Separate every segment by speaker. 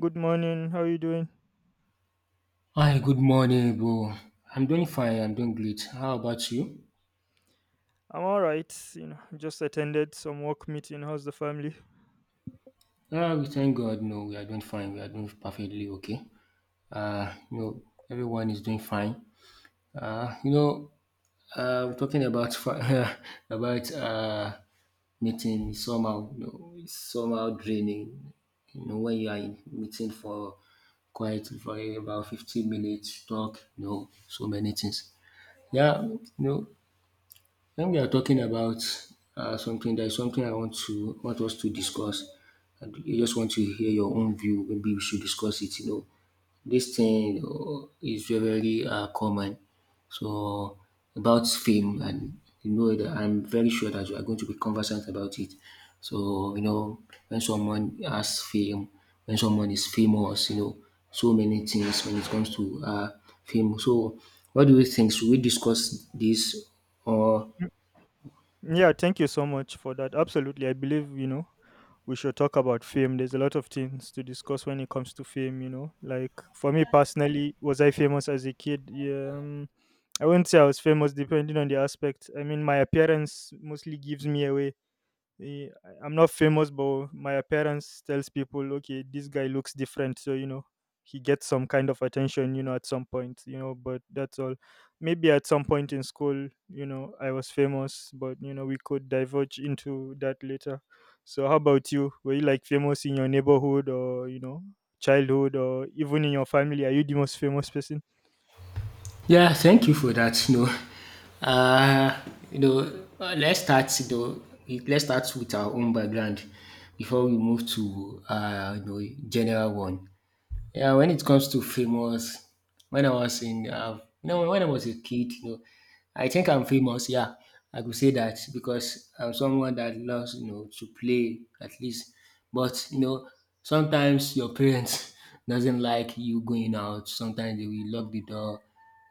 Speaker 1: Good morning. How are you doing?
Speaker 2: Hi, good morning, bro. I'm doing fine. I'm doing great. How about you?
Speaker 1: I'm all right. You know, just attended some work meeting. How's the family?
Speaker 2: Ah, we thank God. No, we are doing fine. We are doing perfectly okay. Uh, you know, everyone is doing fine. Uh, you know, we're talking about about meeting somehow. You know, it's somehow draining. You know, when you are in meeting for quite for about 15 minutes, talk. You know, so many things. Yeah, you know, when we are talking about something, there is something I want to want us to discuss, and I just want to hear your own view. Maybe we should discuss it. This thing is very very common. So about fame, and you know that I'm very sure that you are going to be conversant about it. So when someone has fame, when someone is famous, so many things when it comes to fame. So what do you think? Should we discuss this, or?
Speaker 1: Mm, Yeah, thank you so much for that. Absolutely. I believe, you know, we should talk about fame. There's a lot of things to discuss when it comes to fame, you know. Like for me personally, was I famous as a kid? Yeah, I wouldn't say I was famous depending on the aspect. I mean, my appearance mostly gives me away. I'm not famous, but my appearance tells people, okay, this guy looks different. So, you know, he gets some kind of attention, you know, at some point, you know, but that's all. Maybe at some point in school, you know, I was famous, but, you know, we could diverge into that later. So, how about you? Were you like famous in your neighborhood or, you know, childhood or even in your family? Are you the most famous person?
Speaker 2: Yeah, thank you for that. Uh, you know, let's start you though. Let's start with our own background before we move to general one. Yeah, when it comes to famous, when I was a kid, I think I'm famous. Yeah, I could say that because I'm someone that loves, to play at least. But sometimes your parents doesn't like you going out. Sometimes they will lock the door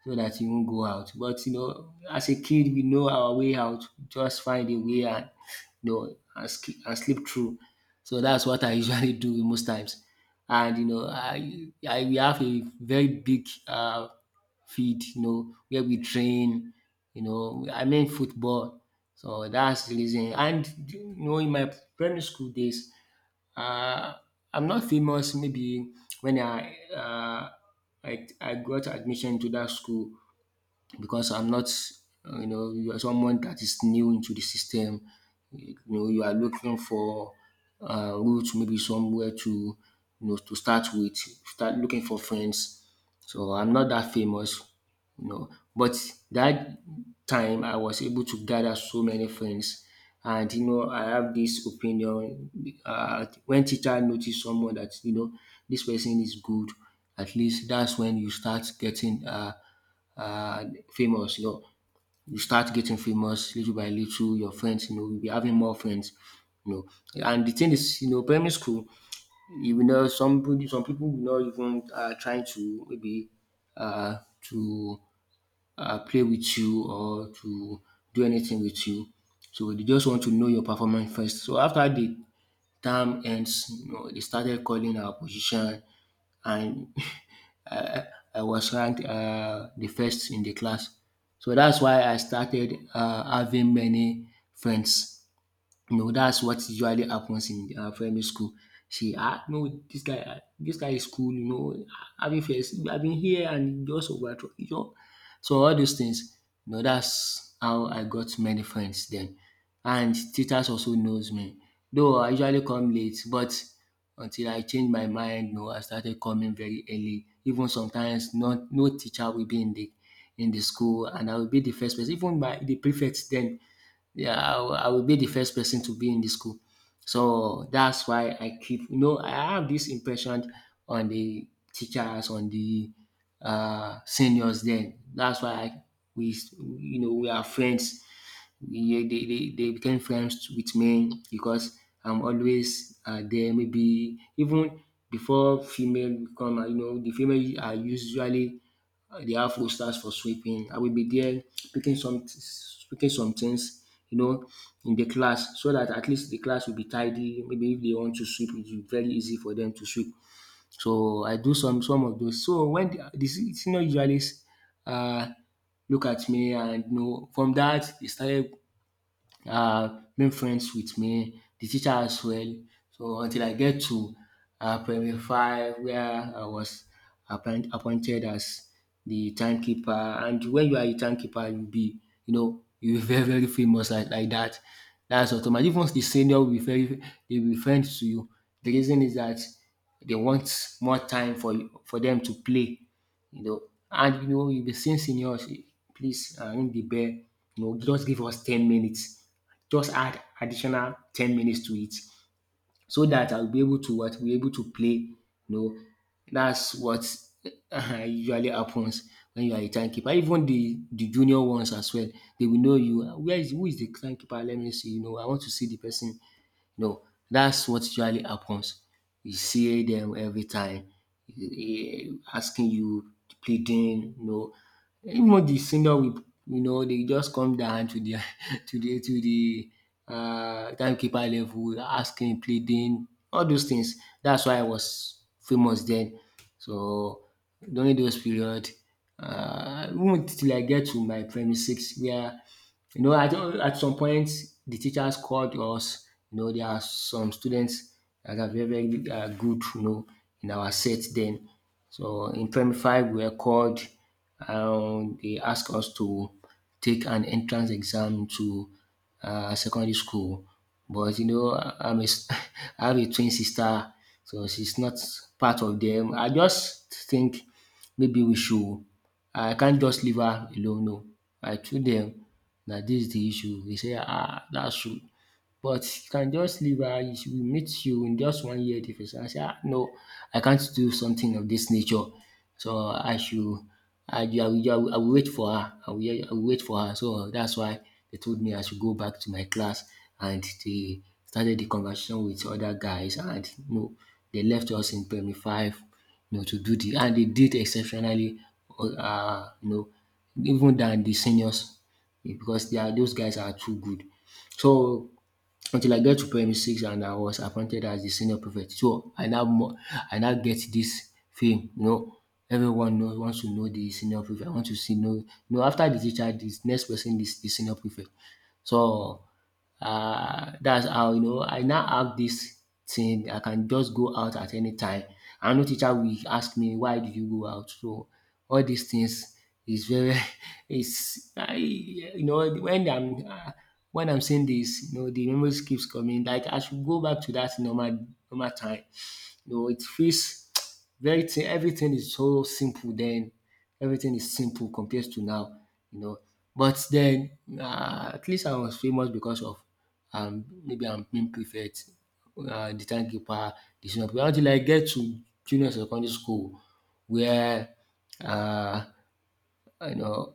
Speaker 2: so that you won't go out. But as a kid, we know our way out. Just find a way and and sleep through. So that's what I usually do most times. And you know, I we have a very big field, where we train. I mean football. So that's the reason. And in my primary school days, uh, I'm not famous. Maybe when I got admission to that school, because I'm not, you are someone that is new into the system. You are looking for route, maybe somewhere to start with, start looking for friends. So I'm not that famous. But that time I was able to gather so many friends, and I have this opinion. When teacher notice someone that this person is good, at least that's when you start getting uh, famous you know. You start getting famous little by little. Your friends, you'll be having more friends. And the thing is, primary school, you will not, some people will not even try to maybe to play with you or to do anything with you. So they just want to know your performance first. So after the term ends, they started calling our position, and I, I was ranked the first in the class. So that's why I started having many friends. No, that's what usually happens in primary school. She ah no this guy, dis guy is cool, having first I been here and he just over, you know. So all those things, that's how I got many friends then. And teachers also knows me, though I usually come late, but until I change my mind, you know, I started coming very early. Even sometimes not, no teacher will be in the school, and I will be the first person, even by the prefect then. Yeah, I will be the first person to be in the school. So that's why I keep, I have this impression on the teachers, on the seniors then. That's why I, we, you know, we are friends. They became friends with me because I'm always there. Maybe even before female come, the female are usually the afro stands for sweeping. I will be there picking some picking some things, in the class so that at least the class will be tidy. Maybe if they want to sweep, it will be very easy for them to sweep. So I do some of those. So when the senior usually uh, look at me, and from that they started make friends with me, the teacher as well. So until I get to primary five where I was appointed as the timekeeper. And when you are a timekeeper, you be very very famous, like dat. Dats automatic. Even the senior will be very, they will be friends to you. The reason is that they want more time for you for them to play, you know. And you be seeing seniors: "Please, ring the bell, just give us 10 minutes." Just add additional 10 minutes to it so that I'll be able to, what, be able to play. You know, that's what usually happens when you are a timekeeper. Even the junior ones as well, they will know you. Where is who is the timekeeper? Let me see. I want to see the person. No, that's what usually happens. You see them every time, eh, asking you, pleading, you know. Even the senior will, they just come down to the to the timekeeper level, asking, pleading, all those things. That's why I was famous then. So during those period, even till I get to my primary six where, you know, at some point the teachers called us. There are some students that are very very good, you know, in our set then. So in primary five we were called. They asked us to take an entrance exam to secondary school. But, I have a twin sister, so she's not part of them. I just think maybe we should I can't just leave her alone. No, I told dem na dis de issue. Dey say dat shoe, but you can just leave her. "We meet you in just 1 year difference." I say, "Ah no, I can't do something of this nature, so I I, will I will I will wait for her, I will wait for her." So that's why they told me I should go back to my class, and they started the conversation with other guys, and they left us in primary five, to do the. And they did exceptionally, um you know even than the seniors, because they are those guys are too good. So until I get to primary six and I was appointed as the senior prefect. So I now get this fame, you know. Everyone knows wants to know the senior prefect. I want to see, know, no. After the teacher, this next person is the senior prefect. So that's how, you know, I now have this thing. I can just go out at any time, and no teacher will ask me why do you go out. So all these things is very It's I you know when I'm saying this, you know, the memories keeps coming, like I should go back to that normal time, you know. It feels very thin. Everything is so simple then. Everything is simple compared to now. You know, but then, at least I was famous because of, maybe I'm being prefect, the timekeeper, the senior prefect. Until I get to junior secondary school where, uh, you know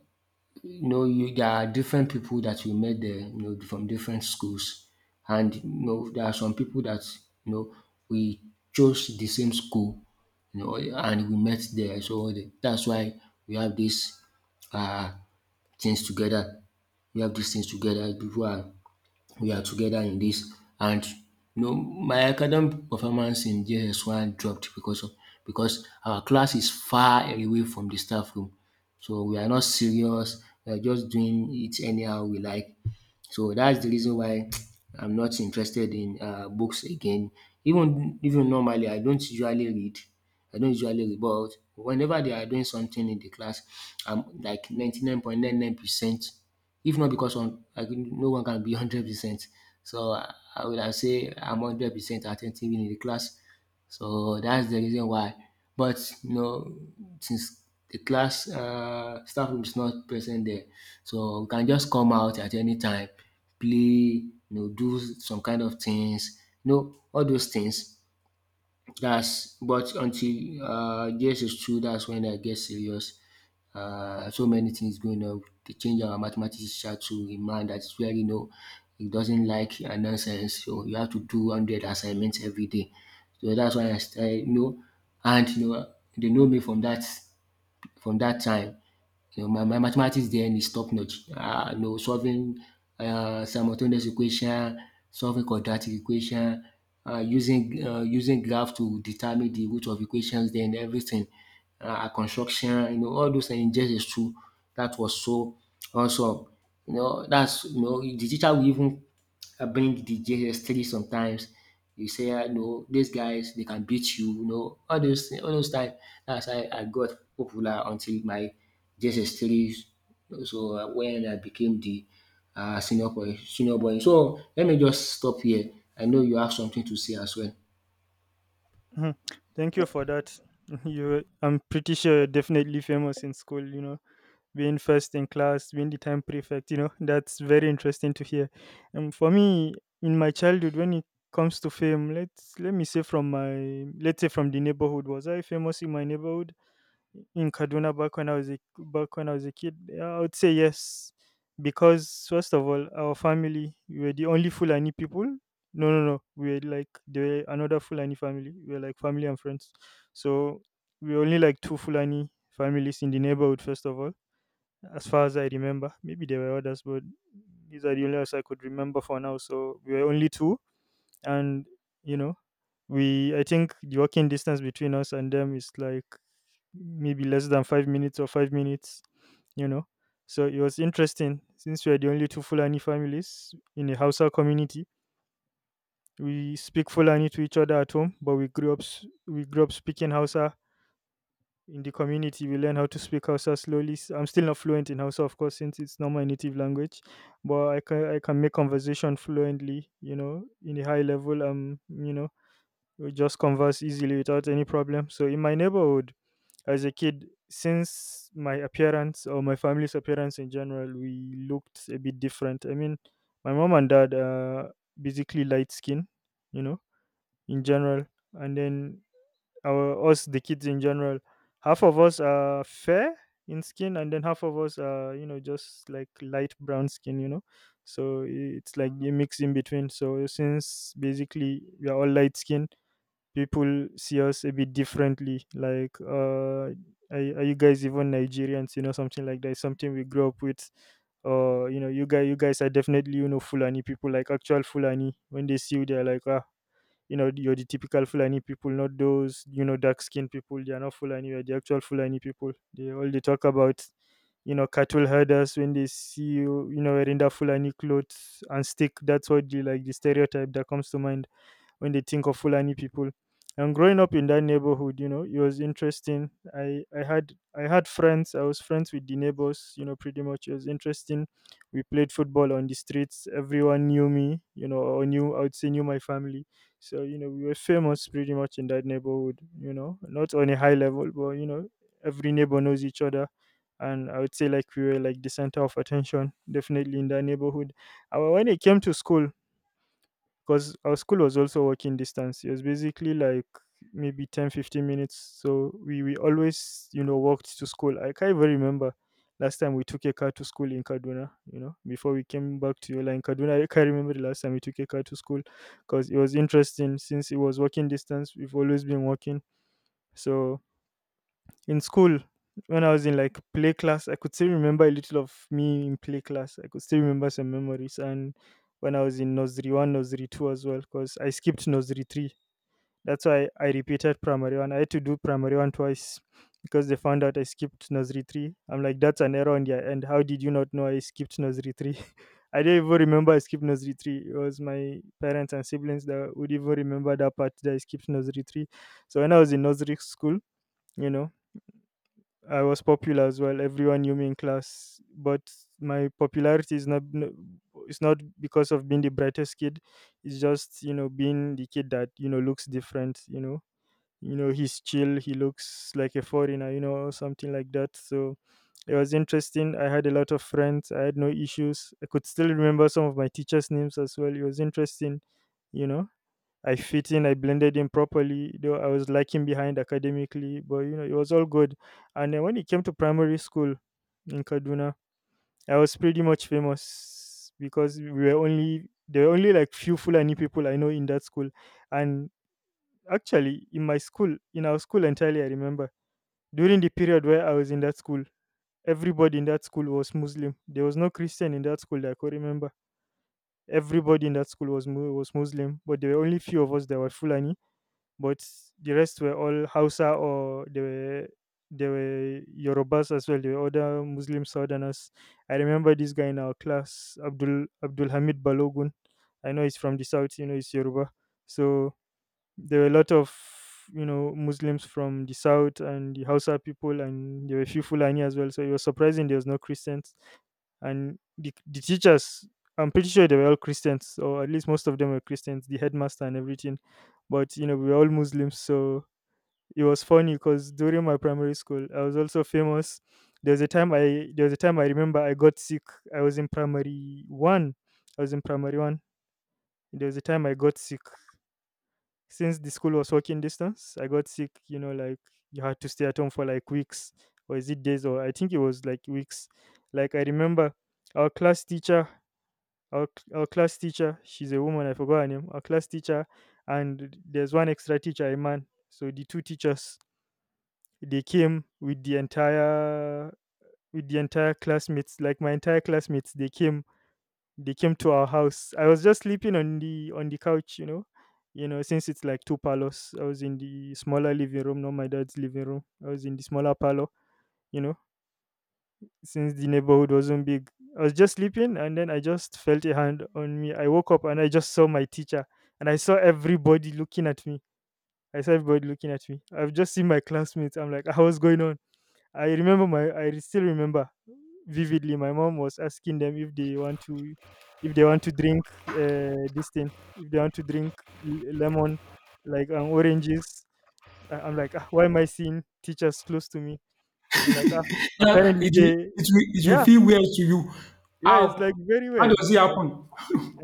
Speaker 2: you know, you there are different people that you met there, from different schools, and there are some people that you know we chose the same school, and we met there. So that's why we have this uh things together. We have these things together. People are we are together in this. And my academic performance in JS1 dropped because our class is far away from the staff room. So we are not serious, we are just doing it anyhow we like. So that's the reason why I'm not interested in books again. Even normally, I don't usually read. I don't usually read, but whenever they are doing something in the class, I'm like 99.99%. If not because on, no one can be 100%. So I say I'm 100% attentive in the class. So that's the reason why. But you know, since the class staff room is not present there, so you can just come out at any time, play, do some kind of things, all those things. That's but until JS is true, that's when I get serious. So many things going on. They change our mathematics teacher to a man that is very, you know, he doesn't like nonsense. So you have to do 100 assignments every day. So that's why I started, you know, and you know, they know me from that time. You know my mathematics then is top notch. You know solving simultaneous equation, solving quadratic equation, using graph to determine the root of equations then everything. Construction, you know, all those things, just is true. That was so awesome. You know, that's, you know, the teacher will even I bring the JS3 sometimes. You say, ah, no, these guys, they can beat you, you know, all those time. That's how I got popular until my JS3. So when I became the senior boy, senior boy. So let me just stop here. I know you have something to say as well.
Speaker 1: Mhm. Thank you for that. You, I'm pretty sure you're definitely famous in school. You know, being first in class, being the time prefect. You know, that's very interesting to hear. And for me, in my childhood, when it comes to fame, let's say from the neighborhood. Was I famous in my neighborhood? In Kaduna back when I was a kid? Yeah, I would say yes, because first of all, our family we were the only Fulani people. No, no, no. We were like there were another Fulani family. We were like family and friends. So we were only like two Fulani families in the neighborhood. First of all, as far as I remember, maybe there were others, but these are the only ones I could remember for now. So we were only two, and you know, we I think the walking distance between us and them is like maybe less than 5 minutes or 5 minutes, you know. So it was interesting, since we are the only two Fulani families in a Hausa community, we speak Fulani to each other at home, but we grew up we grew up speaking Hausa in the community. We learn how to speak Hausa slowly. I'm still not fluent in Hausa, of course, since it's not my native language, but I can make conversation fluently, you know, in a high level, you know, we just converse easily without any problem. So in my neighborhood, as a kid, since my appearance or my family's appearance in general, we looked a bit different. I mean, my mom and dad are basically light skin, you know, in general, and then our us the kids in general, half of us are fair in skin, and then half of us are, you know, just like light brown skin, you know. So it's like a mix in between. So since basically we are all light skin, people see us a bit differently. Like, are you guys even Nigerians? You know, something like that. Something we grew up with. You know, you guys are definitely, you know, Fulani people, like actual Fulani. When they see you, they're like, ah, you know, you're the typical Fulani people, not those, you know, dark skinned people. They are not Fulani. You're the actual Fulani people. They all they talk about. You know, cattle herders, when they see you, you know, wearing that Fulani clothes and stick. That's what you like the stereotype that comes to mind when they think of Fulani people. And growing up in that neighborhood, you know, it was interesting. I had friends. I was friends with the neighbors, you know, pretty much. It was interesting. We played football on the streets. Everyone knew me, you know, or knew, I would say, knew my family. So, you know, we were famous pretty much in that neighborhood, you know, not on a high level, but, you know, every neighbor knows each other, and I would say like we were like the center of attention, definitely in that neighborhood. And when it came to school, because our school was also walking distance. It was basically like maybe 10, 15 minutes. So, we always, you know, walked to school. I can't even remember last time we took a car to school in Kaduna, you know, before we came back to Yola. In Kaduna, I can't remember the last time we took a car to school, because it was interesting, since it was walking distance. We've always been walking. So in school, when I was in like play class, I could still remember a little of me in play class. I could still remember some memories. And when I was in nursery one, nursery two as well, because I skipped nursery three. That's why I repeated primary one. I had to do primary one twice because they found out I skipped nursery three. I'm like, that's an error on their end. How did you not know I skipped nursery three? I don't even remember I skipped nursery three. It was my parents and siblings that would even remember that part that I skipped nursery three. So when I was in nursery school, you know, I was popular as well. Everyone knew me in class, but my popularity is not no- it's not because of being the brightest kid. It's just, you know, being the kid that, you know, looks different. You know, you know, he's chill. He looks like a foreigner. You know, or something like that. So it was interesting. I had a lot of friends. I had no issues. I could still remember some of my teachers' names as well. It was interesting. You know. I fit in, I blended in properly, though I was lacking behind academically, but, you know, it was all good. And then when it came to primary school in Kaduna, I was pretty much famous because we were only there were only like few Fulani people I know in that school. And actually in my school, in our school entirely I remember, during the period where I was in that school, everybody in that school was Muslim. There was no Christian in that school that I could remember. Everybody in that school was was Muslim, but there were only few of us that were Fulani, but the rest were all Hausa, or they were, they were Yorubas as well. They were other Muslim Southerners. I remember this guy in our class, Abdul Hamid Balogun. I know he's from the south. You know, he's Yoruba. So there were a lot of, you know, Muslims from the south and the Hausa people, and there were a few Fulani as well. So it was surprising there was no Christians, and the teachers. I'm pretty sure they were all Christians, or at least most of them were Christians, the headmaster and everything. But, you know, we were all Muslims, so it was funny because during my primary school, I was also famous. There was a time I remember I got sick. I was in primary one. I was in primary one. There was a time I got sick. Since the school was walking distance, I got sick, you know, like you had to stay at home for like weeks, or is it days, or I think it was like weeks. Like I remember our class teacher, our, our class teacher, she's a woman, I forgot her name, our class teacher, and there's one extra teacher, a man. So the two teachers, they came with the entire classmates, like my entire classmates, they came to our house. I was just sleeping on the couch, you know, since it's like two parlors. I was in the smaller living room, not my dad's living room. I was in the smaller parlor, you know, since the neighborhood wasn't big. I was just sleeping, and then I just felt a hand on me. I woke up and I just saw my teacher, and I saw everybody looking at me. I've just seen my classmates. I'm like, "Ah, what's going on? I still remember vividly my mom was asking them if they want to, if they want to drink this thing, if they want to drink lemon, like oranges. I'm like, ah, why am I seeing teachers close to me? I'm like, ah, apparently
Speaker 2: It
Speaker 1: they— Yeah.
Speaker 2: you.
Speaker 1: Yeah, it's
Speaker 2: How,
Speaker 1: like very
Speaker 2: how do,
Speaker 1: weird.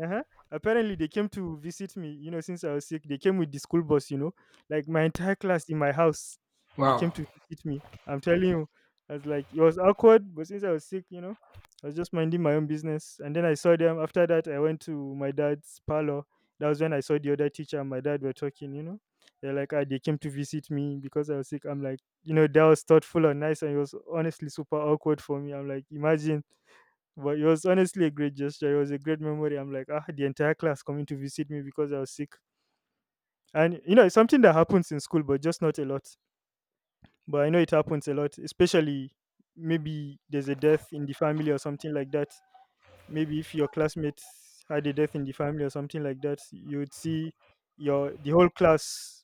Speaker 1: Uh-huh. Apparently, they came to visit me, you know, since I was sick. They came with the school bus, you know, like my entire class in my house. They
Speaker 2: wow.
Speaker 1: came to visit me. I'm telling you, I was like, it was awkward, but since I was sick, you know, I was just minding my own business. And then I saw them. After that, I went to my dad's parlor. That was when I saw the other teacher and my dad were talking, you know. They're like, ah, they came to visit me because I was sick. I'm like, you know, that was thoughtful and nice. And it was honestly super awkward for me. I'm like, imagine. But it was honestly a great gesture. It was a great memory. I'm like, ah, the entire class coming to visit me because I was sick. And you know, it's something that happens in school, but just not a lot. But I know it happens a lot, especially maybe there's a death in the family or something like that. Maybe if your classmates had a death in the family or something like that, you would see your the whole class,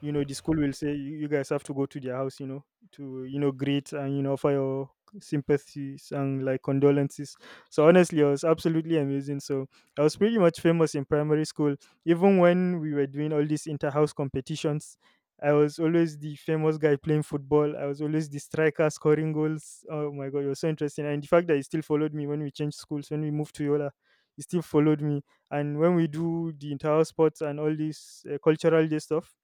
Speaker 1: you know, the school will say you guys have to go to their house, you know, to, you know, greet and, you know, offer your sympathies and like condolences. So honestly, I was absolutely amazing. So I was pretty much famous in primary school. Even when we were doing all these inter-house competitions, I was always the famous guy playing football. I was always the striker scoring goals. Oh my god, it was so interesting. And the fact that he still followed me when we changed schools, when we moved to Yola, he still followed me. And when we do the inter-house sports and all this cultural day stuff,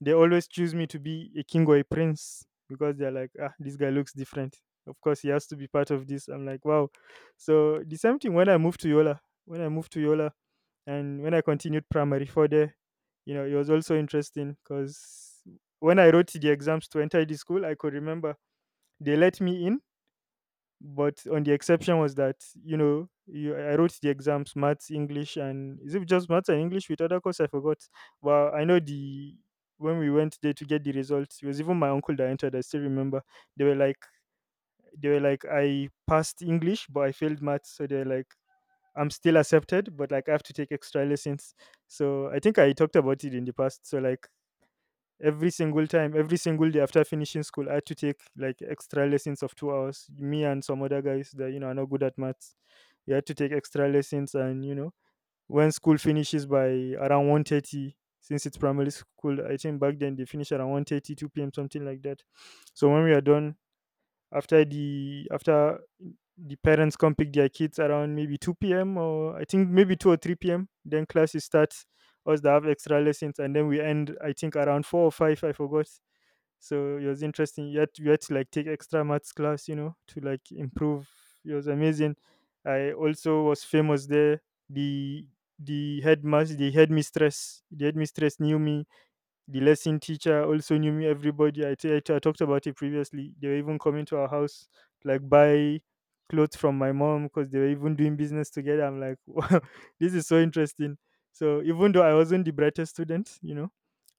Speaker 1: they always choose me to be a king or a prince because they're like, ah, this guy looks different. Of course, he has to be part of this. I'm like, wow. So the same thing when I moved to Yola. When I moved to Yola, and when I continued primary four there, you know, it was also interesting because when I wrote the exams to enter the school, I could remember they let me in, but on the exception was that, you know, I wrote the exams, maths, English, and is it just maths and English with other course? I forgot. Well, I know the when we went there to get the results, it was even my uncle that entered. I still remember they were like they were like I passed English but I failed maths. So they're like, I'm still accepted, but like I have to take extra lessons. So I think I talked about it in the past. So like every single time, every single day after finishing school, I had to take like extra lessons of 2 hours, me and some other guys that, you know, are not good at maths. We had to take extra lessons, and you know, when school finishes by around 1:30, since it's primary school, I think back then they finish around 1:30, 2 p.m., something like that. So when we are done, after the parents come pick their kids around maybe 2 p.m. or I think maybe 2 or 3 p.m., then classes start us that have extra lessons, and then we end I think around four or five. I forgot. So it was interesting. You had to like take extra maths class, you know, to like improve. It was amazing. I also was famous there. The the headmaster, the headmistress knew me, the lesson teacher also knew me, everybody. I talked about it previously. They were even coming to our house, like buy clothes from my mom because they were even doing business together. I'm like, wow, this is so interesting. So even though I wasn't the brightest student, you know,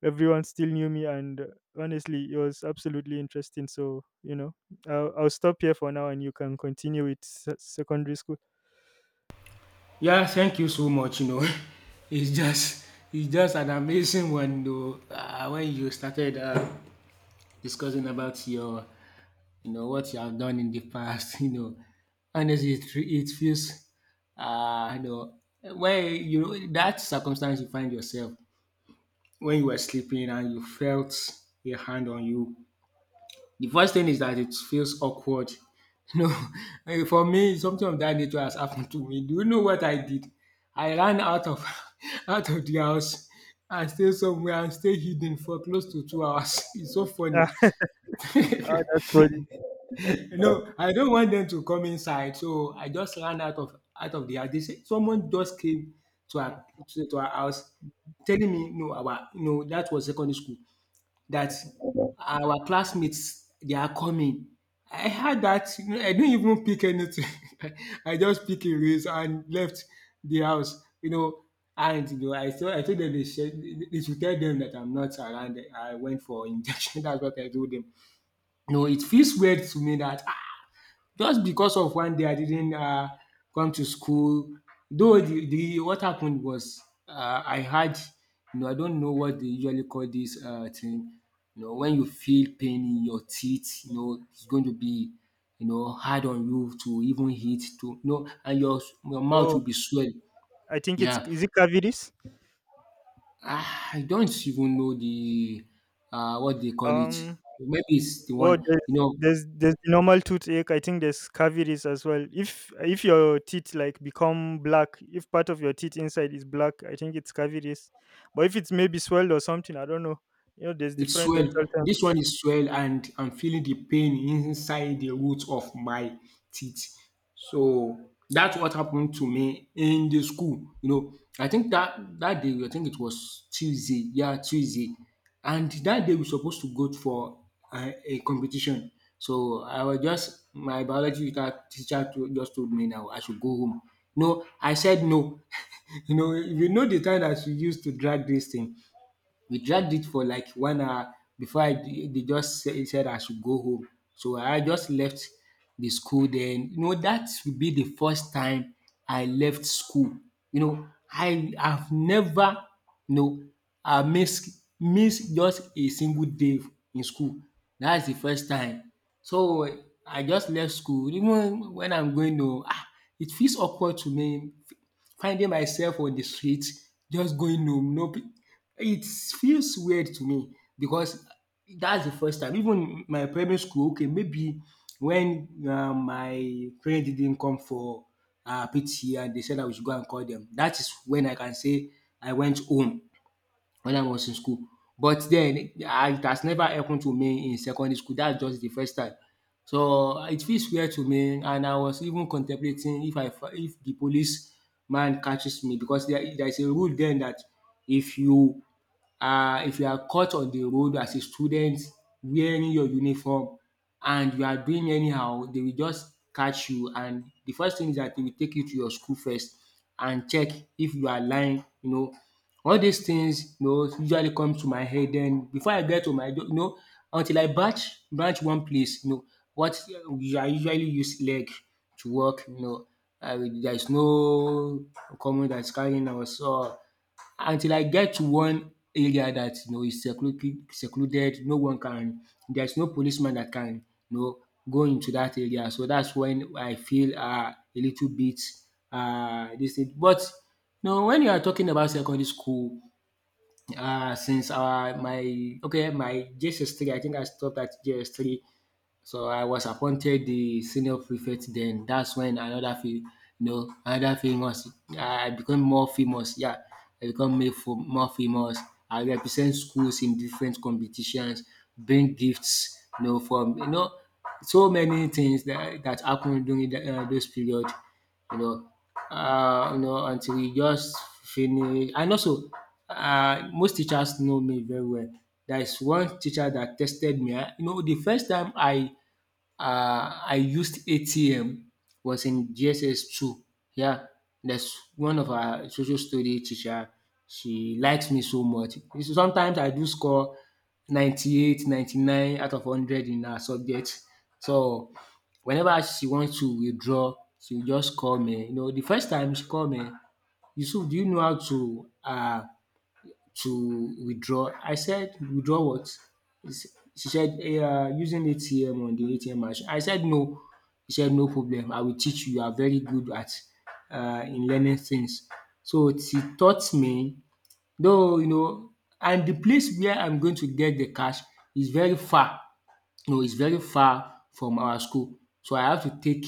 Speaker 1: everyone still knew me, and honestly, it was absolutely interesting. So you know, I'll stop here for now, and you can continue with secondary school.
Speaker 2: Yeah, thank you so much. You know, it's just it's just an amazing one though. When you started discussing about your, you know, what you have done in the past. You know, honestly, it, it feels, you know, when you that circumstance you find yourself when you were sleeping and you felt a hand on you. The first thing is that it feels awkward. You know, eh, for me, something of that nature has happened to me. Do you know what I did? I ran out of out of the house and stayed somewhere and stayed hidden for close to 2 hours. It's so funny.
Speaker 1: Oh, that's funny.
Speaker 2: No, I don't want them to come inside, so I just ran out of the house. They said someone just came
Speaker 1: Mm.
Speaker 2: to our house telling me no our no that was secondary school that our classmates they are coming. I had that, you know, I didn't even pick anything. I just pick a race and left the house, you know. And you know, I told them they should tell them that I'm not around. I went for injection. That's what I told them. No, it feels weird to me that ah, just because of one day I didn't come to school though the what happened was I had, you know, I don't know what they usually call this thing, you know, when you feel pain in your teeth, you know, it's going to be, you know, hard on you to even eat, to, you know, and your mouth
Speaker 1: Oh,
Speaker 2: will be swell.
Speaker 1: I think it's
Speaker 2: Yeah,
Speaker 1: is it cavities?
Speaker 2: ah, I don't even know the what they call it.
Speaker 1: Um,
Speaker 2: Maybe it's the one
Speaker 1: Well, there's
Speaker 2: you know.
Speaker 1: there's there's the normal toothache. I think there's cavities as well. If your teeth like become black, if part of your teeth inside is black, I think it's cavities. But if it's maybe swelled or something, I don't know. You know, there's
Speaker 2: It's
Speaker 1: different
Speaker 2: swell.
Speaker 1: dental
Speaker 2: This
Speaker 1: terms.
Speaker 2: one is swell, and I'm feeling the pain inside the root of my teeth. So that's what happened to me in the school. You know, I think that that day, I think it was Tuesday. Yeah, Tuesday. And that day we supposed to go for a competition. So I was just my biology teacher teacher to, just told me now I should go home. No, I said no. You know, you know the time that she used to drag this thing. We dragged it for like 1 hour before I they just said I should go home. So I just left the school then. You know, that would be the first time I left school. You know, I have never, you know, I miss just a single day in school. That's the first time. So I just left school. Even when I'm going to, ah, it feels awkward to me finding myself on the street just going home. No, it feels weird to me because that's the first time. Even my primary school, okay, maybe when my parents didn't come for PT and they said I we should go and call them, that is when I can say I went home when I was in school. But then I, it has never happened to me in secondary school. That's just the first time. So it feels weird to me, and I was even contemplating if I if the police man catches me because there is a rule then that if you if you are caught on the road as a student wearing your uniform and you are doing anyhow, they will just catch you and the first thing is that they will take you to your school first and check if you are lying, you know. All these things, you know, usually come to my head then before I get to my you know until I batch branch one place, you know, what I usually use leg to work, you know, there is no common that is carrying us or until I get to one area that you know is secluded no one can there's no policeman that can, you know, go into that area, so that's when I feel a little bit this thing. But you know, when you are talking about secondary school, since my okay my J S three, I think I stopped at JS three, so I was appointed the senior prefect then. That's when another fa, you know, another famous I become more famous. Yeah, I more famous. I represent schools in different competitions, bring gifts, you know, from, you know, so many things that that happened during the, those period, you know, you know, until we just finish. And also, most teachers know me very well. There is one teacher that tested me. I- You know, the first time I used ATM was in GSS two. Yeah, that's one of our social study teacher. She likes me so much. You see, sometimes I do score 98, 99 out of 100 in her subject. So whenever she wants to withdraw, she will just call me. You know, the first time she called me, Yusuf, do you know how to withdraw. I said, "Withdraw what?" He s- She said, "Yeah, using ATM on the ATM machine." I said, "No." She said, "No problem. I will teach you. You are very good at in learning things." So she taught me, though you know and the place where I'm going to get the cash is very far. No, it's very far from our school, so I have to take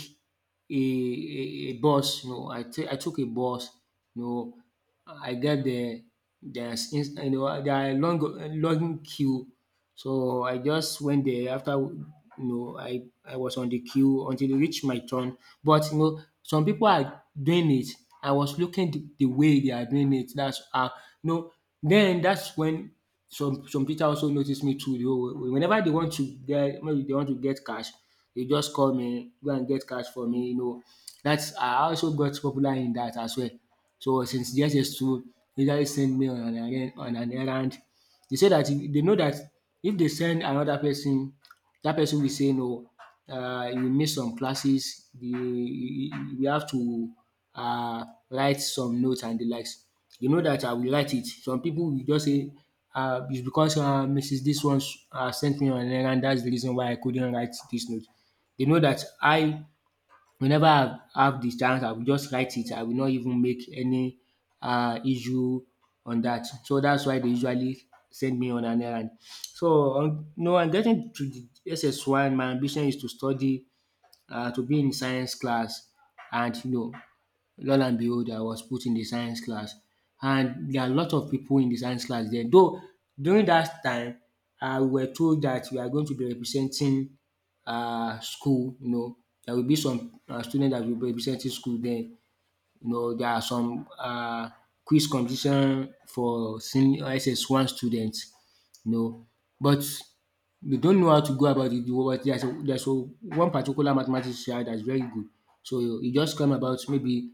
Speaker 2: a a a bus. You know, I take I took a bus. You know, I get there. There's you know there are long queue, so I just went there after, you know, I was on the queue until it reached my turn. But you know some people are doing it. I was looking the way they are doing it. That's no. Then that's when some people also noticed me too. You know, whenever they want to get maybe they want to get cash, they just call me go and get cash for me. You know, that's I also got popular in that as well. So since yes is true, they just send me on an errand they said dat they know that if they send another person, that person will say no. You miss some classes, you we have to uh write some notes and the likes. You know that I will write it. Some people will just say it's because Mrs dis one sent me on an errand that's the reason why I couldn't write this note. They know that I whenever I have the chance, I will just write it. I will not even make any issue on that. So that's why they usually send me on an errand. So, no, am getting to the SS1, my ambition is to study to be in science class, and you know lo and behold I was put in the science class, and there are a lot of people in the science class there, though during that time we were told that we are going to be representing school, you know, there will be some students that will be representing school there. You know, there are some quiz competition for senior SS1 students, you know, but they don't know how to go about it but there's a one particular mathematics child that's very good. So it just come about maybe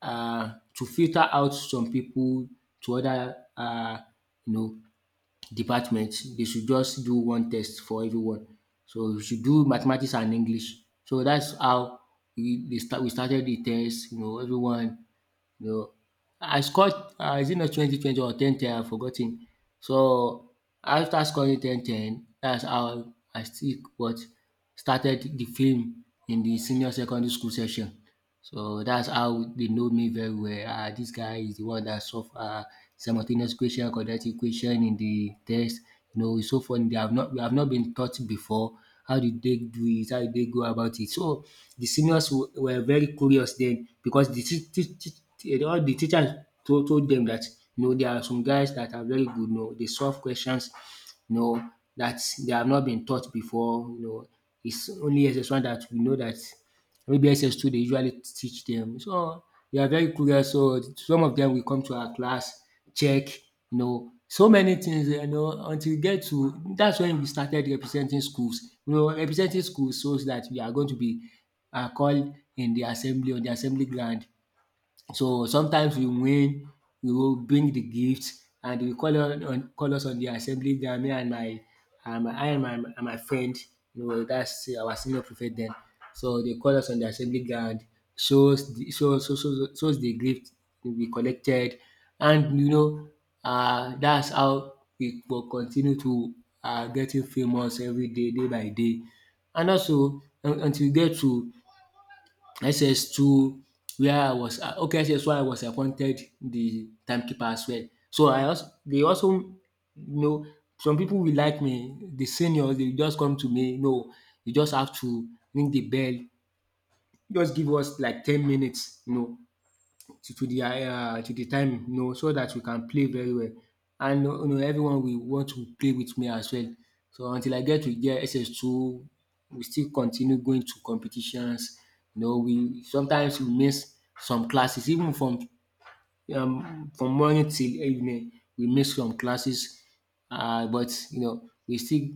Speaker 2: to filter out some people to other you know departments. They should just do one test for everyone. So you should do mathematics and English. So that's how we they start. We started the test. You know, everyone, no, I scored, is it not 2020 or 10/10? I've forgotten. So after scoring 10/10, that's how I still what started the film in the senior secondary school section. So that's how they know me very well. Ah, this guy is the one that solve simultaneous equation, quadratic equation in the test. You know, it's so funny. They have not we have not been taught before. How did they do it? How did they go about it? So the seniors were very curious then, because the teach, teach, teach, eh, all the teachers told them that, you know, there are some guys that are very good. You know, they solve questions. You know, that they have not been taught before. You know, it's only SS1 that we know that, maybe SS2 they usually teach them. So they are very curious, so some of them will come to our class check, so many things, you know until we get to that's when we started representing schools. You know, representing schools shows that we are going to be called in the assembly, on the assembly ground. So sometimes we win, we will bring the gift, and they will call us on the assembly ground, me and my friend, you know, that's our senior prefect then. So they call us on the assembly ground, shows the gift we collected, and, you know, that's how we will continue to, getting famous every day, day by day. And also until we get to SS2, where I was, okay, SS1 I was appointed the timekeeper as well. So, I also they also you know some people will like me. The seniors, they just come to me, “No, you just have to ring the bell, just give us like 10 minutes,” you know, to the time, you know, so that we can play very well. And you know, everyone will want to play with me as well. So until I get to get SS2, we still continue going to competitions. You know, we sometimes we miss some classes, even from morning till evening, we miss some classes, but you know we still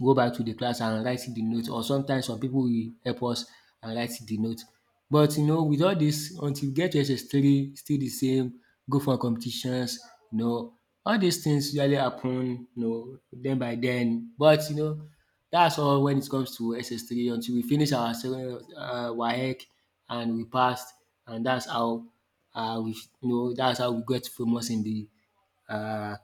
Speaker 2: go back to the class and write the note, or sometimes some people will help us and write the note. But you know, with all this, until you get to SS3, still the same, go for competitions, you know, all these things usually happen, you know, den by then. But you know, that's all. When it comes to SS3, until we finish our WAEC and we passed, and that's how, Uh, we we got famous in the uh,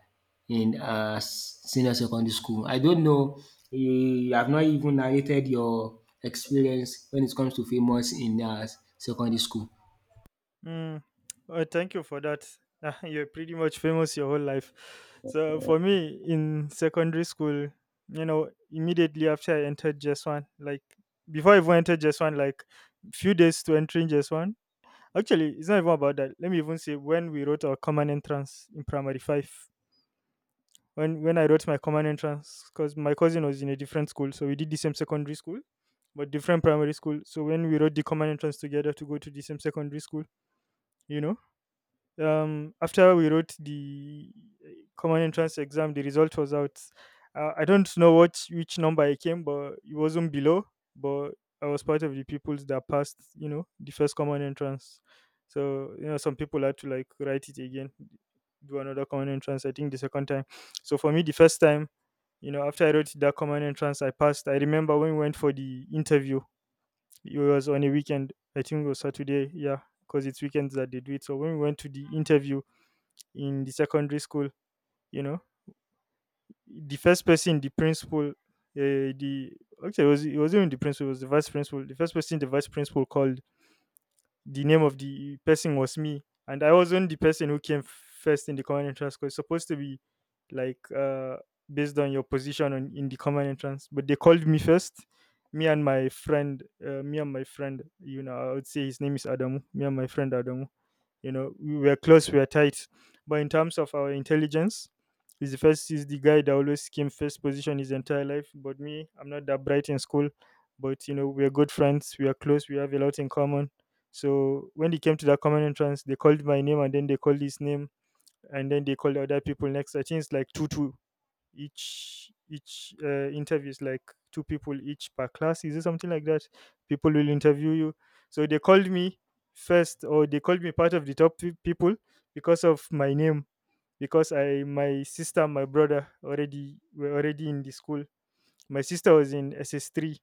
Speaker 2: senior secondary school. I don't know, you have not even narrated your experience when it comes to famous in secondary school.
Speaker 1: Mm. Well, thank you for that. You're pretty much famous your whole life. So for me, in secondary school, you know, immediately after I entered JS One, like before I even entered JS One, like few days to entering JS One. Actually, it's not even about that. Let me even say when we wrote our common entrance in primary five. When I wrote my common entrance, because my cousin was in a different school, so we did the same secondary school, but different primary school. So when we wrote the common entrance together to go to the same secondary school, you know, after we wrote the uh, common entrance exam, the result was out. Uh, I don't know what which number I came, but it wasn't below. But I was part of the people that passed, you know, the first common entrance. So you know, some people had to like write it again, do another common entrance I think the second time. So for me the first time, you know, after I wrote that common entrance I passed. I remember when we went for the interview, it was on a weekend, I think it was Saturday, yeah, because it's weekends that they do it. So when we went to the interview in the secondary school, you know, the first person, the principal, the actually it wasn't even the principal, it was the vice principal. The first person the vice principal called the name of the person was me, and I wasn't the person who came first in the common entrance because it's supposed to be like based on your position in the common entrance, but they called me first. Me and my friend, you know, I would say his name is Adamu. Me and my friend Adamu, you know, we were close, we were tight. But in terms of our intelligence, he's the first, he's the guy that always came first position his entire life. But me, I'm not that bright in school. But, you know, we're good friends, we are close, we have a lot in common. So when they came to that common entrance, they called my name and then they called his name and then they called other people next. I think it's like 2 2 each interview is like two people each per class, is it something like that? People will interview you. So they called me first, or they called me part of the top people because of my name, because I my sister and my brother already were already in the school. My sister was in SS3,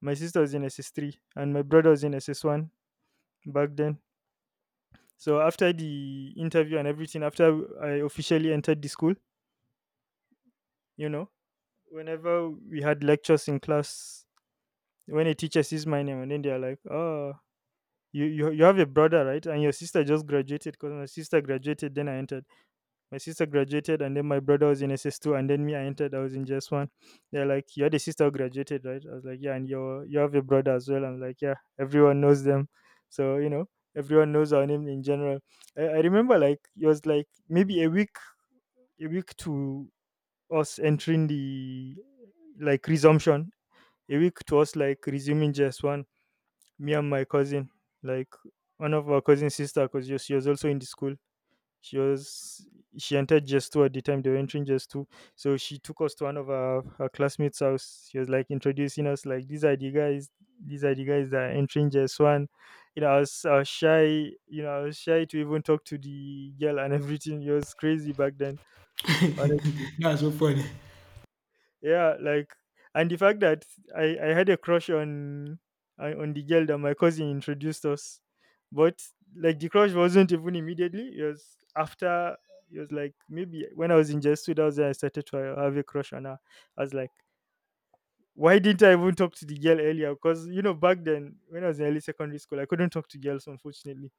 Speaker 1: and my brother was in SS1 back then. So after the interview and everything, after I officially entered the school, you know, whenever we had lectures in class, when a teacher sees my name and then they're like, "Oh, you have a brother, right?" And your sister just graduated, because my sister graduated, then I entered. My sister graduated, and then my brother was in SS two, and then me, I entered. I was in JS one. They're like, you had a sister who graduated, right? I was like, yeah, and you have a brother as well. I'm like, yeah, everyone knows them, so you know. Everyone knows our name in general. I remember like it was like maybe a week to us entering the like resumption, a week to us like resuming JS one, me and my cousin, like one of our cousin sister, because she was also in the school. She was she entered just two at the time, they were entering just two, so she took us to one of her classmates' house. She was like introducing us, like these are the guys that are entering just one. You know, I was shy, you know, I was shy to even talk to the girl and everything. It was crazy back then. Honestly,
Speaker 2: That's so funny.
Speaker 1: yeah, like, and the fact that I had a crush on the girl that my cousin introduced us, but like the crush wasn't even immediately. It was after. It was like maybe when I was in just 2,000, I started to have a crush on her. I was like, why didn't I even talk to the girl earlier? Because you know back then when I was in early secondary school, I couldn't talk to girls. Unfortunately,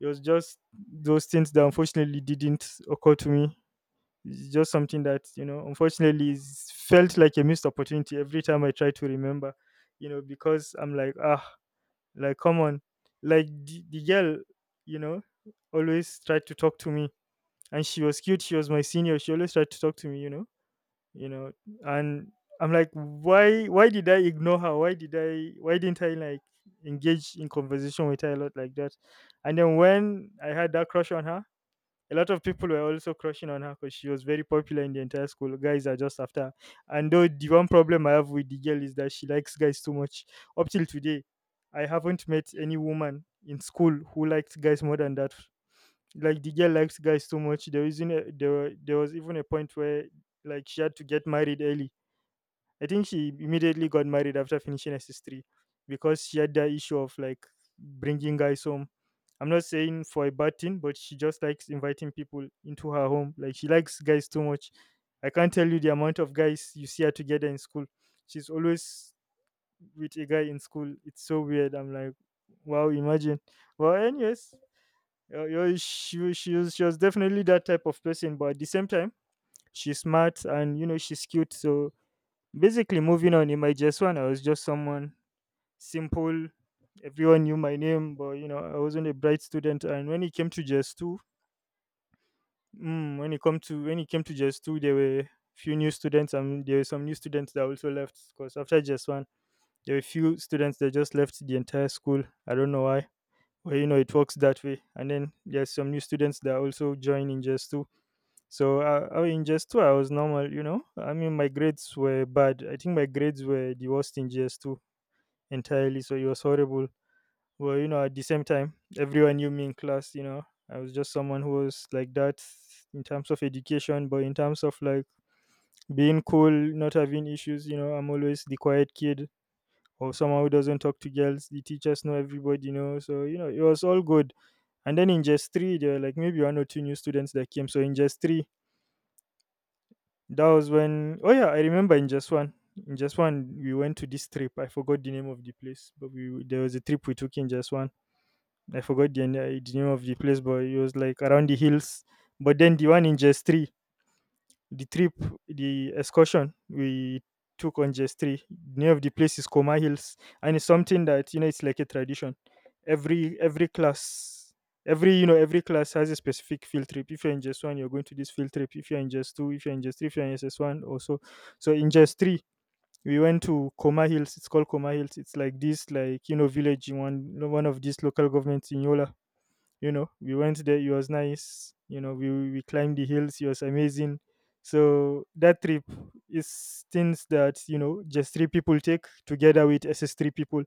Speaker 1: it was just those things that unfortunately didn't occur to me. It's just something that, unfortunately is felt like a missed opportunity every time I try to remember, because I'm like, ah, like, come on. Like, the girl, you know, always tried to talk to me. And she was cute. She was my senior. She always tried to talk to me, you know, and I'm like, why did I ignore her? Why didn't I like engage in conversation with her a lot like that? And then when I had that crush on her, a lot of people were also crushing on her because she was very popular in the entire school. Guys are just after her. And though the one problem I have with the girl is that she likes guys too much. Up till today, I haven't met any woman in school who liked guys more than that. Like the girl likes guys too much. There isn't a, there were, there was even a point where like she had to get married early. I think she immediately got married after finishing SS3 because she had that issue of like bringing guys home. I'm not saying for a bad thing, but she just likes inviting people into her home. Like she likes guys too much. I can't tell you the amount of guys you see her together in school. She's always with a guy in school. It's so weird. I'm like, wow, imagine. Well, anyways, yeah, she was definitely that type of person, but at the same time, she's smart and you know she's cute. So basically, moving on in my JS1, I was just someone simple. Everyone knew my name, but you know, I wasn't a bright student. And when it came to JS2, mm, when it come to when it came to JS2, there were few new students, and there were some new students that also left because after JS1, there were few students that just left the entire school. I don't know why. Well, you know, it works that way. And then there's some new students that also join in JS2. So in GS2, I was normal, you know. I mean, my grades were bad. I think my grades were the worst in GS2 entirely. So it was horrible. But you know, at the same time, everyone knew me in class. You know, I was just someone who was like that in terms of education, but in terms of like being cool, not having issues. You know, I'm always the quiet kid or someone who doesn't talk to girls. The teachers know everybody. You know, so you know it was all good. And then in just three, there were like maybe one or two new students that came. So in just three, that was when. Oh yeah, I remember in just one. In just one, we went to this trip. I forgot the name of the place, but we there was a trip we took in just one. I forgot the, the name of the place, but it was like around the hills. But then the one in Jess 3, the trip, the excursion we took on Jess 3, the name of the place is Coma Hills. And it's something that, you know, it's like a tradition. Every class, every class has a specific field trip. If you're in Jess 1, you're going to this field trip. If you're in Jess 2, if you're in Jess 3, if you're in SS1 or so. So in Jess 3, we went to Coma Hills. It's called Coma Hills. It's like this, like, you know, village in one of these local governments in Yola. You know, we went there, it was nice, you know, we climbed the hills, it was amazing. So that trip is things that, you know, just three people take together with SS3 people.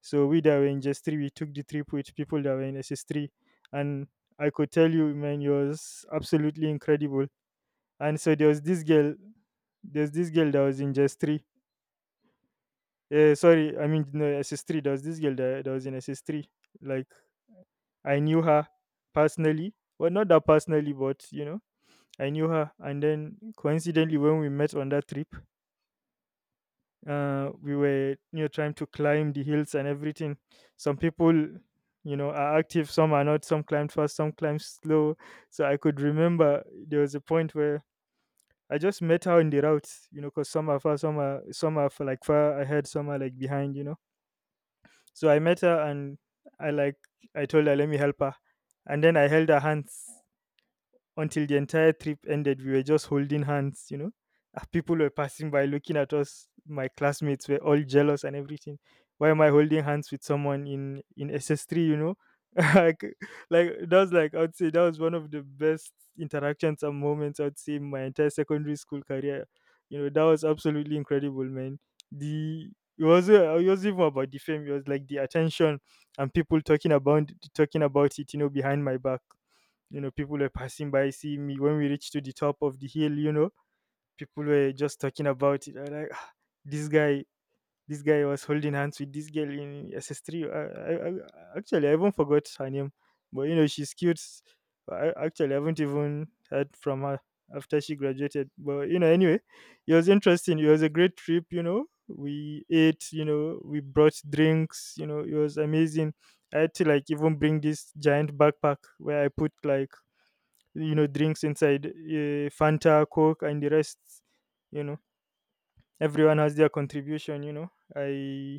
Speaker 1: So we that were in just three, we took the trip with people that were in SS3. And I could tell you, man, it was absolutely incredible. And so there was this girl, there's this girl that was in just three sorry I mean no SS3, there was this girl that was in SS3. Like, I knew her personally. Well, not that personally, but you know, I knew her. And then coincidentally, when we met on that trip, we were, you know, trying to climb the hills and everything. Some people, you know, are active. Some are not. Some climbed fast. Some climbed slow. So I could remember there was a point where I just met her on the route. You know, because some are far, some are for like far ahead, some are like behind. You know. So I met her and I like I told her let me help her, and then I held her hands until the entire trip ended. We were just holding hands, you know. Ah, people were passing by looking at us. My classmates were all jealous and everything. Why am I holding hands with someone in SS3, you know? like, like that was like, I'd say that was one of the best interactions and moments I'd say in my entire secondary school career. You know, that was absolutely incredible, man. The it was even about the fame, it was like the attention and people talking about it, you know, behind my back. You know, people were passing by, see me when we reached to the top of the hill, you know, people were just talking about it. I like, "Ah, this guy this guy was holding hands with this girl in S S 3." Actually, I even forgot her name, but you know she's cute. Actually, haven't even heard from her after she graduated, but you know anyway, it was interesting, it was a great trip. You know, we ate, you know, we brought drinks, you know, it was amazing. I had to like even bring this giant backpack where I put like, you know, drinks inside, Fanta, Coke and the rest, you know. Everyone has their contribution, you know. i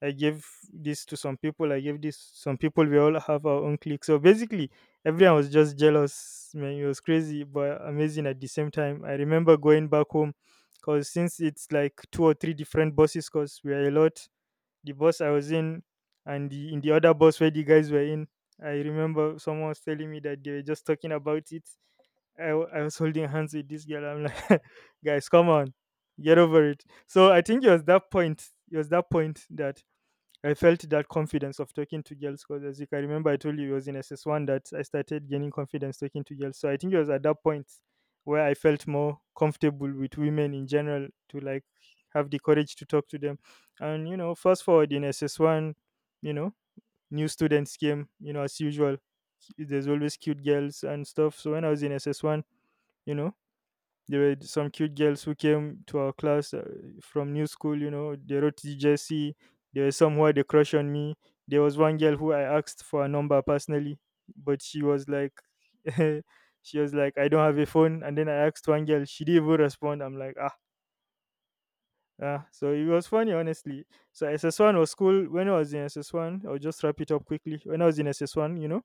Speaker 1: i gave this to some people I gave this to some people. We all have our own clique. So basically, everyone was just jealous, man, it was crazy but amazing at the same time. I remember going back home. Because since it's like two or three different buses because we are a lot, the bus I was in and the in the other bus where the guys were in, I remember someone was telling me that they were just talking about it. I was holding hands with this girl. I'm like, guys, come on, get over it. So I think it was that point. It was that point that I felt that confidence of talking to girls. Because as you can remember, I told you it was in SS1 that I started gaining confidence talking to girls. So I think it was at that point where I felt more comfortable with women in general to like have the courage to talk to them. And you know, fast forward in SS1, you know, new students came. You know, as usual, there's always cute girls and stuff. So when I was in SS1, you know, there were some cute girls who came to our class from new school. You know, they wrote to Jesse. There were some who had a crush on me. There was one girl who I asked for a number personally, but she was like, she was like, I don't have a phone. And then I asked one girl, she didn't even respond. I'm like, ah, ah, so it was funny honestly. So SS1 was cool. When I was in SS1, I'll just wrap it up quickly. When I was in SS1, you know,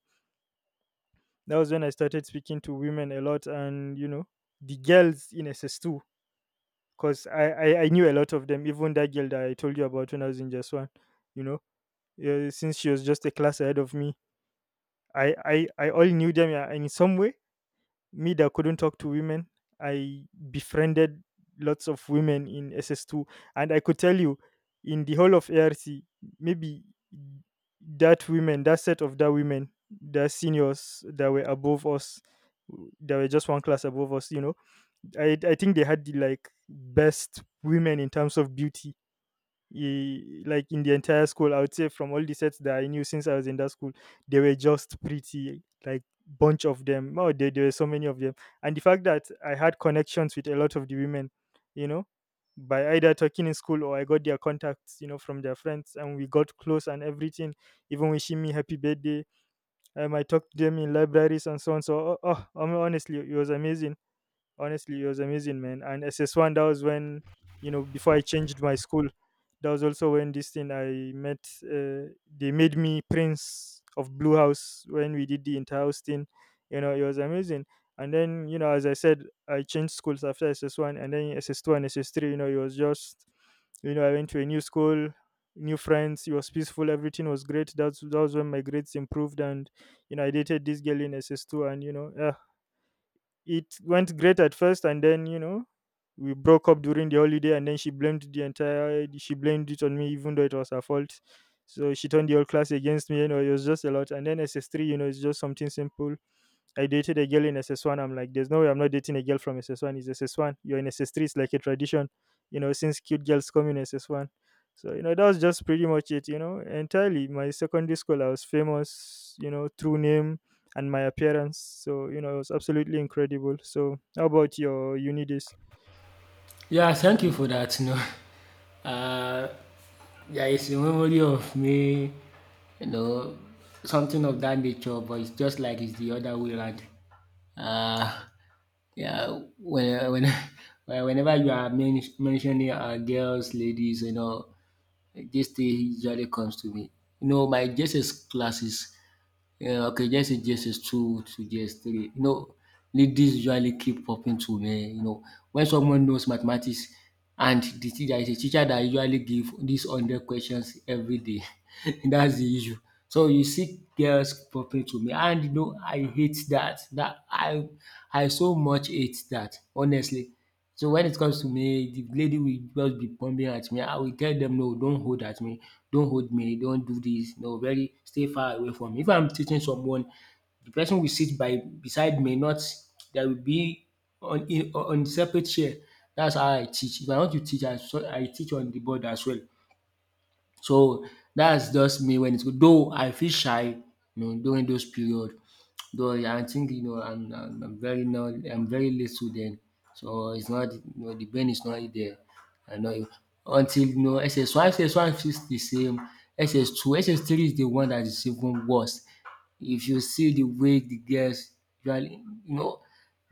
Speaker 1: that was when I started speaking to women a lot. And you know, the girls in SS2, because I knew a lot of them. Even that girl that I told you about when I was in just one, you know, yeah, since she was just a class ahead of me, I all knew them. Yeah, and in some way, me that couldn't talk to women, I befriended lots of women in SS two, and I could tell you, in the whole of ARC, maybe that women, that set of that women, the seniors that were above us, that were just one class above us, you know, I think they had the like best women in terms of beauty. Like in the entire school, I would say from all the sets that I knew since I was in that school, they were just pretty, like bunch of them. Oh, there were so many of them, and the fact that I had connections with a lot of the women, you know, by either talking in school or I got their contacts, you know, from their friends, and we got close and everything. Even wishing me happy birthday, I talked to them in libraries and so on. So, honestly, it was amazing. Honestly, it was amazing, man. And SS1, that was when, you know, before I changed my school, that was also when this thing I met, they made me Prince of Blue House when we did the inter-house thing. You know, it was amazing. And then, you know, as I said, I changed schools after SS1, and then SS2 and SS3, you know, it was just, you know, I went to a new school, new friends. It was peaceful. Everything was great. That was when my grades improved, and you know, I dated this girl in SS two, and you know, yeah, it went great at first, and then, you know, we broke up during the holiday, and then she blamed the entire. She blamed it on me, even though it was her fault. So she turned the whole class against me. You know, it was just a lot. And then S S 3, you know, it's just something simple. I dated a girl in SS1. I'm like, there's no way I'm not dating a girl from SS1. It's SS1. You're in SS3. It's like a tradition, you know, since cute girls come in SS1. So, you know, that was just pretty much it, you know, entirely. My secondary school, I was famous, you know, through name and my appearance. So, you know, it was absolutely incredible. So, how about your uni days?
Speaker 2: Yeah, thank you for that. You know, uh, there is a memory of me, you know, something of that nature, but it's just like it's the other way around. Uh, yeah, whenever you are mentioning girls, ladies, you know, like, this JC usually comes to me. You know, my JSS classes, okay, JSS 2 to JSS 3, you know, ladies usually keep popping to me. You know, when someone knows mathematics, and the teacher is a teacher that usually give these 100 questions every day, that's the issue. So you see girls popping to me, and, you know, I hate that. That I so much hate that, honestly. So when it comes to me, the lady will just be pumping at me. I will tell them, no, don't hold at me, don't hold me, don't do this. No, very, stay far away from me. If I'm teaching someone, the person will sit by beside me, not, there will be on separate chair. That's how I teach. If I want to teach, I teach on the board as well. So that's just me when it's good. Though I feel shy, you know, during those period. Though I think, you know, I'm very not I'm very little then, so it's not, you know, the brain is not really there. I know, until you know, SS1 feels the same. SS2, SS3 is the one that is even worse. If you see the way the girls usually, you know,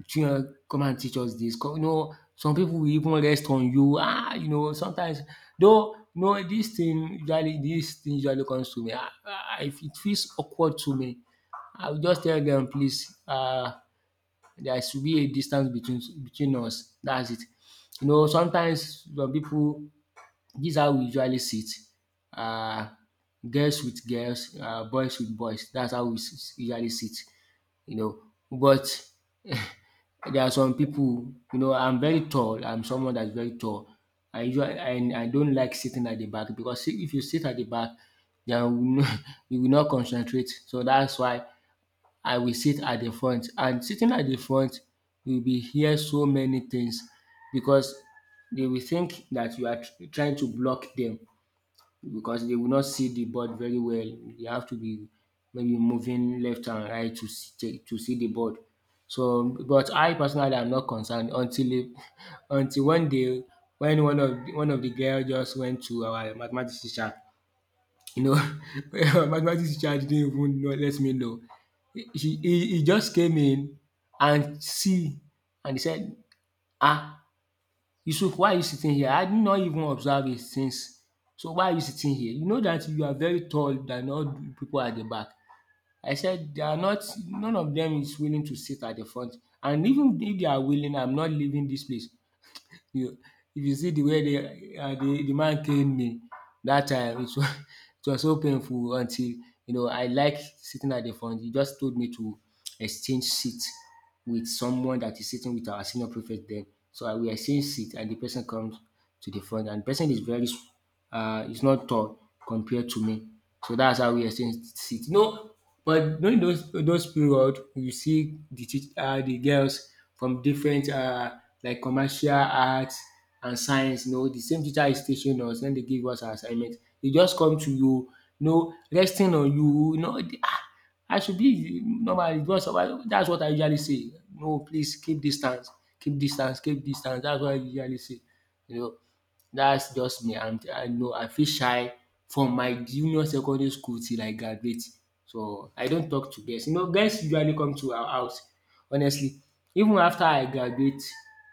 Speaker 2: children come and teach us dis. You know, some people will even rest on you. Ah, you know, sometimes, though, you know, dis thing usually this thing usually comes to me. If it feels awkward to me, I will just tell them, please, there should be a distance between us. That's it. You know, sometimes some pipu dis how we usually sit. It um Girls with girls, boys with boys. That's how we usually sit, you know. But there are some people, you know, I'm very tall. I'm someone that's very tall. I usually and I don't like sitting at the back, because see, if you sit at the back, then you will not, you will not concentrate. So that's why I will sit at the front. And sitting at the front, you'll be hear so many things, because they will think that you are trying to block them, because they will not see the board very well. They have to be maybe moving left and right to see the board. So, but I personally am not concerned until it, until one day, when one of the girl just went to our mathematics teacher. You know, our mathematics teacher didn't even know, let me know. He just came in and see, and he said, ah, “Yusuf, why are you sitting here? I did not even observe it since? So why are you sitting here? You know that you are very tall than all the people at the back.” I said, “They are not, none of them is willing to sit at the front. And even if they are willing, I'm not leaving this place.” You if you see the way the de man cane me that time, it was, it was so painful, until you know, I like sitting at the front. He just told me to exchange seat with someone that is sitting with our senior prefect then. So I will exchange seat, and the person comes to the front, and de person is very he's not tall compared to me. So that's how we exchanged seat. No, but during those period, you see the girls from different like commercial arts and science. You know, the same teacher is teaching us when they give us our assignment. They just come to you, you know, resting on you. You know, I should be normally. That's what I usually say. No, please, keep distance, keep distance, keep distance. That's what I usually say. You know, that's just me, and I know I feel shy from my junior secondary school till I graduate. So I don't talk to girls. You know, girls usually come to our house. Honestly, even after I graduate,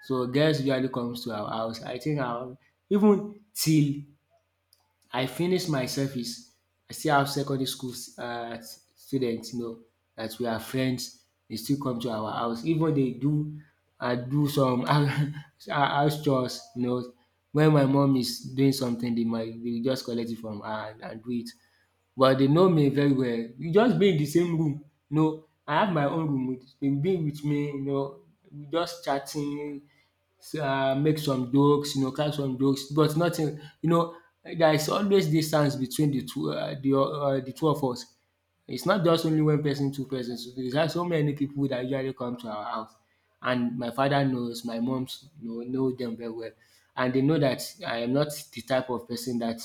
Speaker 2: so girls usually comes to our house. I think I, even till I finished my service, I still have secondary school uh, students, you know, that we are friends. They still come to our house. Even they do some house chores, you know. When my mom is doing something, they will just collect it from her, and, do it. Well, they know me very well. We just be in the same room, you know, I have my own room with dem being with me, you know, we just chatting, make some jokes, you know, crack some jokes, but nothing, you know, there is always distance between the two of us. It's not just only one person, two persons. There's are so many people that usually come to our house, and my father knows, my mom's know them very well, and they know that I am not the type of person that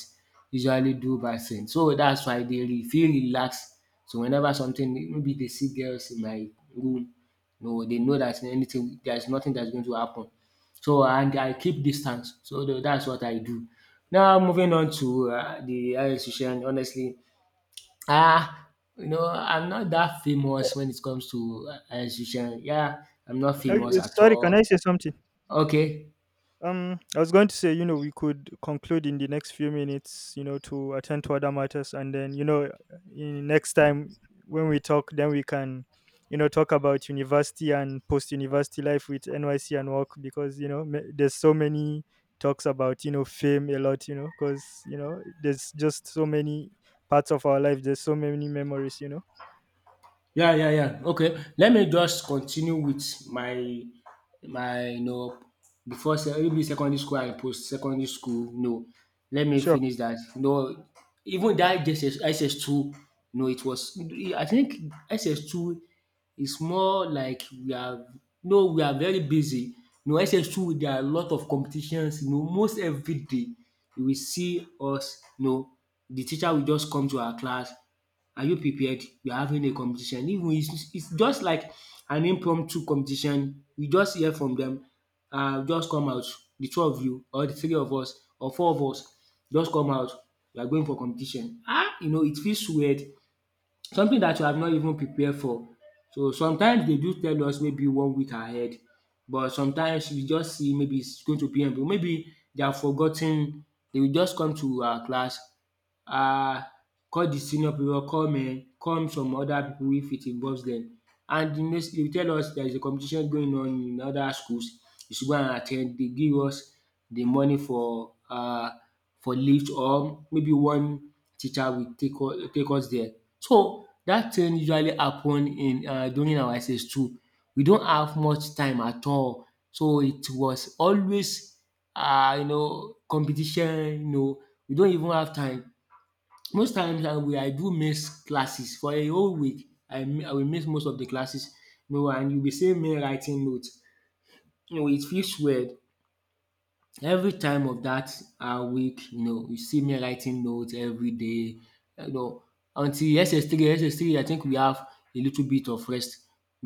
Speaker 2: usually do bad things. So that's why they feel relaxed. So whenever something, maybe they see girls in my room, no, they know that anything, there's nothing that's going to happen. So, and I keep distance. So that's what I do. Now moving on to the health situation, honestly, ah, you know, I'm not that famous when it comes to yeah, I'm not
Speaker 1: Okay,
Speaker 2: famous at
Speaker 1: sorry, can I
Speaker 2: all.
Speaker 1: say something?
Speaker 2: Okay,
Speaker 1: I was going to say, you know, we could conclude in the next few minutes, you know, to attend to other matters, and then, you know, in next time when we talk, then we can, you know, talk about university and post-university life with NYC and work, because you know ma- there's so many talks about, you know, fame a lot, you know, because you know there's just so many parts of our life. There's so many memories, you know.
Speaker 2: yeah, yeah, yeah. Okay, let me just continue with my before maybe secondary school and post secondary school. No, let me
Speaker 1: Sure.
Speaker 2: finish that. No, even that SS two. No, it was. I think SS two is more like we are. No, we are very busy. No, SS two there are a lot of competitions. You know, most every day you will see us. No, the teacher will just come to our class, are you prepared? We are having a competition. Even it's just like an impromptu competition. We just hear from them, just come out, the two of you or the three of us or four of us, just come out, we are going for competition. Ah! You know, it feels weird. Something that you have not even prepared for. So sometimes they do tell us maybe one week ahead, but sometimes we just see maybe it's going to be maybe they have forgotten. They will just come to our class, um call the senior people, come come some other people wey fit involve dem, and de next dey tell us there is a competition going on in other schools, you should go. And at ten d dey give us the money for lift, or maybe one teacher will take us there. So dat thing usually happen in during our SS2. We don't have much time at all, so it was always, you know, competition, you know. We don't even have time, most times I do miss classes for a whole week. I will miss most of the classes, no. And you'll be seeing me writing notes. You know, it feels weird. Every time of that week, you know, you see me writing notes every day, you know, until SS3, SS3, I think we have a little bit of rest,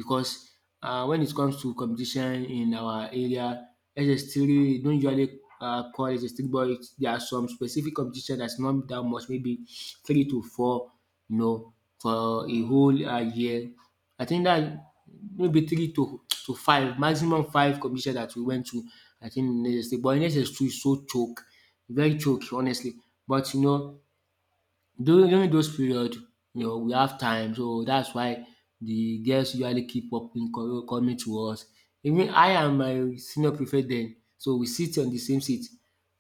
Speaker 2: because when it comes to competition in our area, SS3 don't usually, call SS3, but it's, there are some specific competition that's not that much, maybe three to four, you know, for a whole year. I think that maybe three to five, maximum five competition that we went to, I think, in Lagos State. But in SS two, e so choke, e very choke, honestly. But you know, during those period, you know, we have time, so that's why the girls usually keep popping, coming to us. Even I and my senior prefect then, so we sit on the same seat.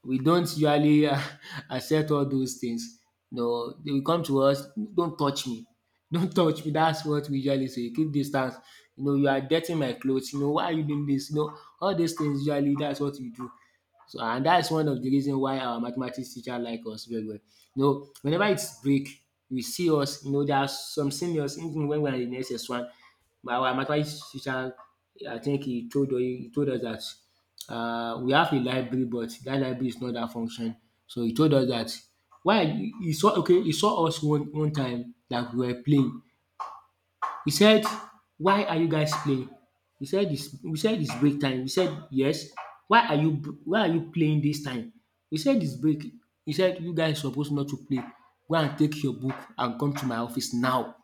Speaker 2: We don't usually accept all those things. No, they will come to us, “don't touch me, don't touch me.” That's what we usually say. “Keep distance, you know you are dirtying my clothes. You know, why are you doing this?” You know, all these things usually. That's what we do. So and that's one of the reason why our mathematics teacher like us very well. You know, whenever it's break, we see us, you know, there are some seniors, even when we are in SS1, my our mathematics teacher, I think he told us that, we have a library, but that library is not that function. So he told us that, why he saw, okay, he saw us one time that we were playing. We said, why are you guys playing? We said it's break time. We said, yes. Why are you, why are you playing this time? We said it's break. He said, you guys supposed not to play. Go and take your book and come to my office now.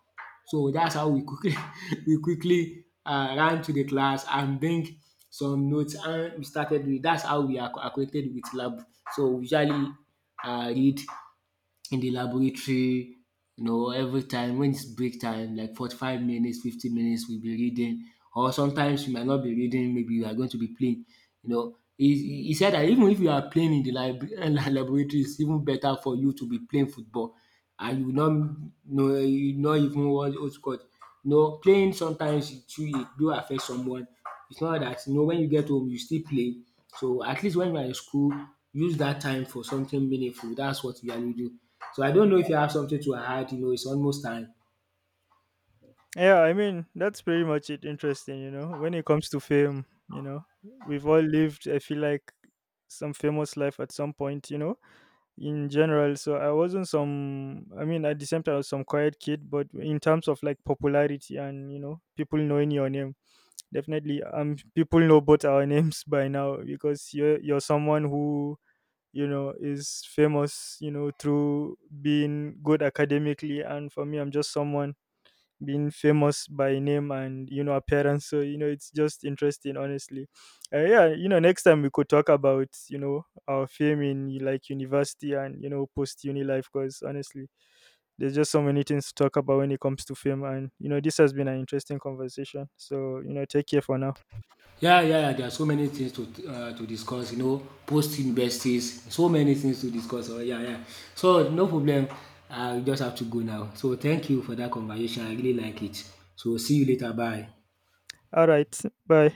Speaker 2: So that's how we quickly we quickly ran to the class and bring some notes and we started with, that's how we are acquainted with lab. So we usually read in the laboratory, you know, every time when it's break time, like 45 minutes, 50 minutes, we'll be reading. Or sometimes we might not be reading, maybe we are going to be playing. You know, he said that even if you are playing in the library, laboratory, it's even better for you to be playing football. And you will not know, you not even what what's called. You know, playing sometimes it, too, it do affect someone. It's not dat, you know, wen you get home you still play. So at least wen you are in school, use dat time for something meaningful. Dats what you usually do. So I don't know if you have something to add, you know, it's almost time.
Speaker 1: Yeah, I mean, that's pretty much it. Interesting, you know, when it comes to fame, you know, we've all lived, I feel like, some famous life at some point, you know, in general. So I wasn't some, I mean, at the same time, I was some quiet kid, but in terms of like popularity and, you know, people knowing your name, definitely, people know both our names by now because you're someone who, you know, is famous, you know, through being good academically. And for me, I'm just someone being famous by name and, you know, appearance. So you know it's just interesting, honestly. Yeah, you know next time we could talk about, you know, our fame in like university and, you know, post uni life, because honestly there's just so many things to talk about when it comes to fame, and you know this has been an interesting conversation. So you know take care for now.
Speaker 2: Yeah, yeah, yeah, there are so many things to discuss, you know, post universities, so many things to discuss, yeah, yeah. So no problem, I just have to go now. So thank you for dat conversation, I really like it. So see you later, bye.
Speaker 1: All right, bye.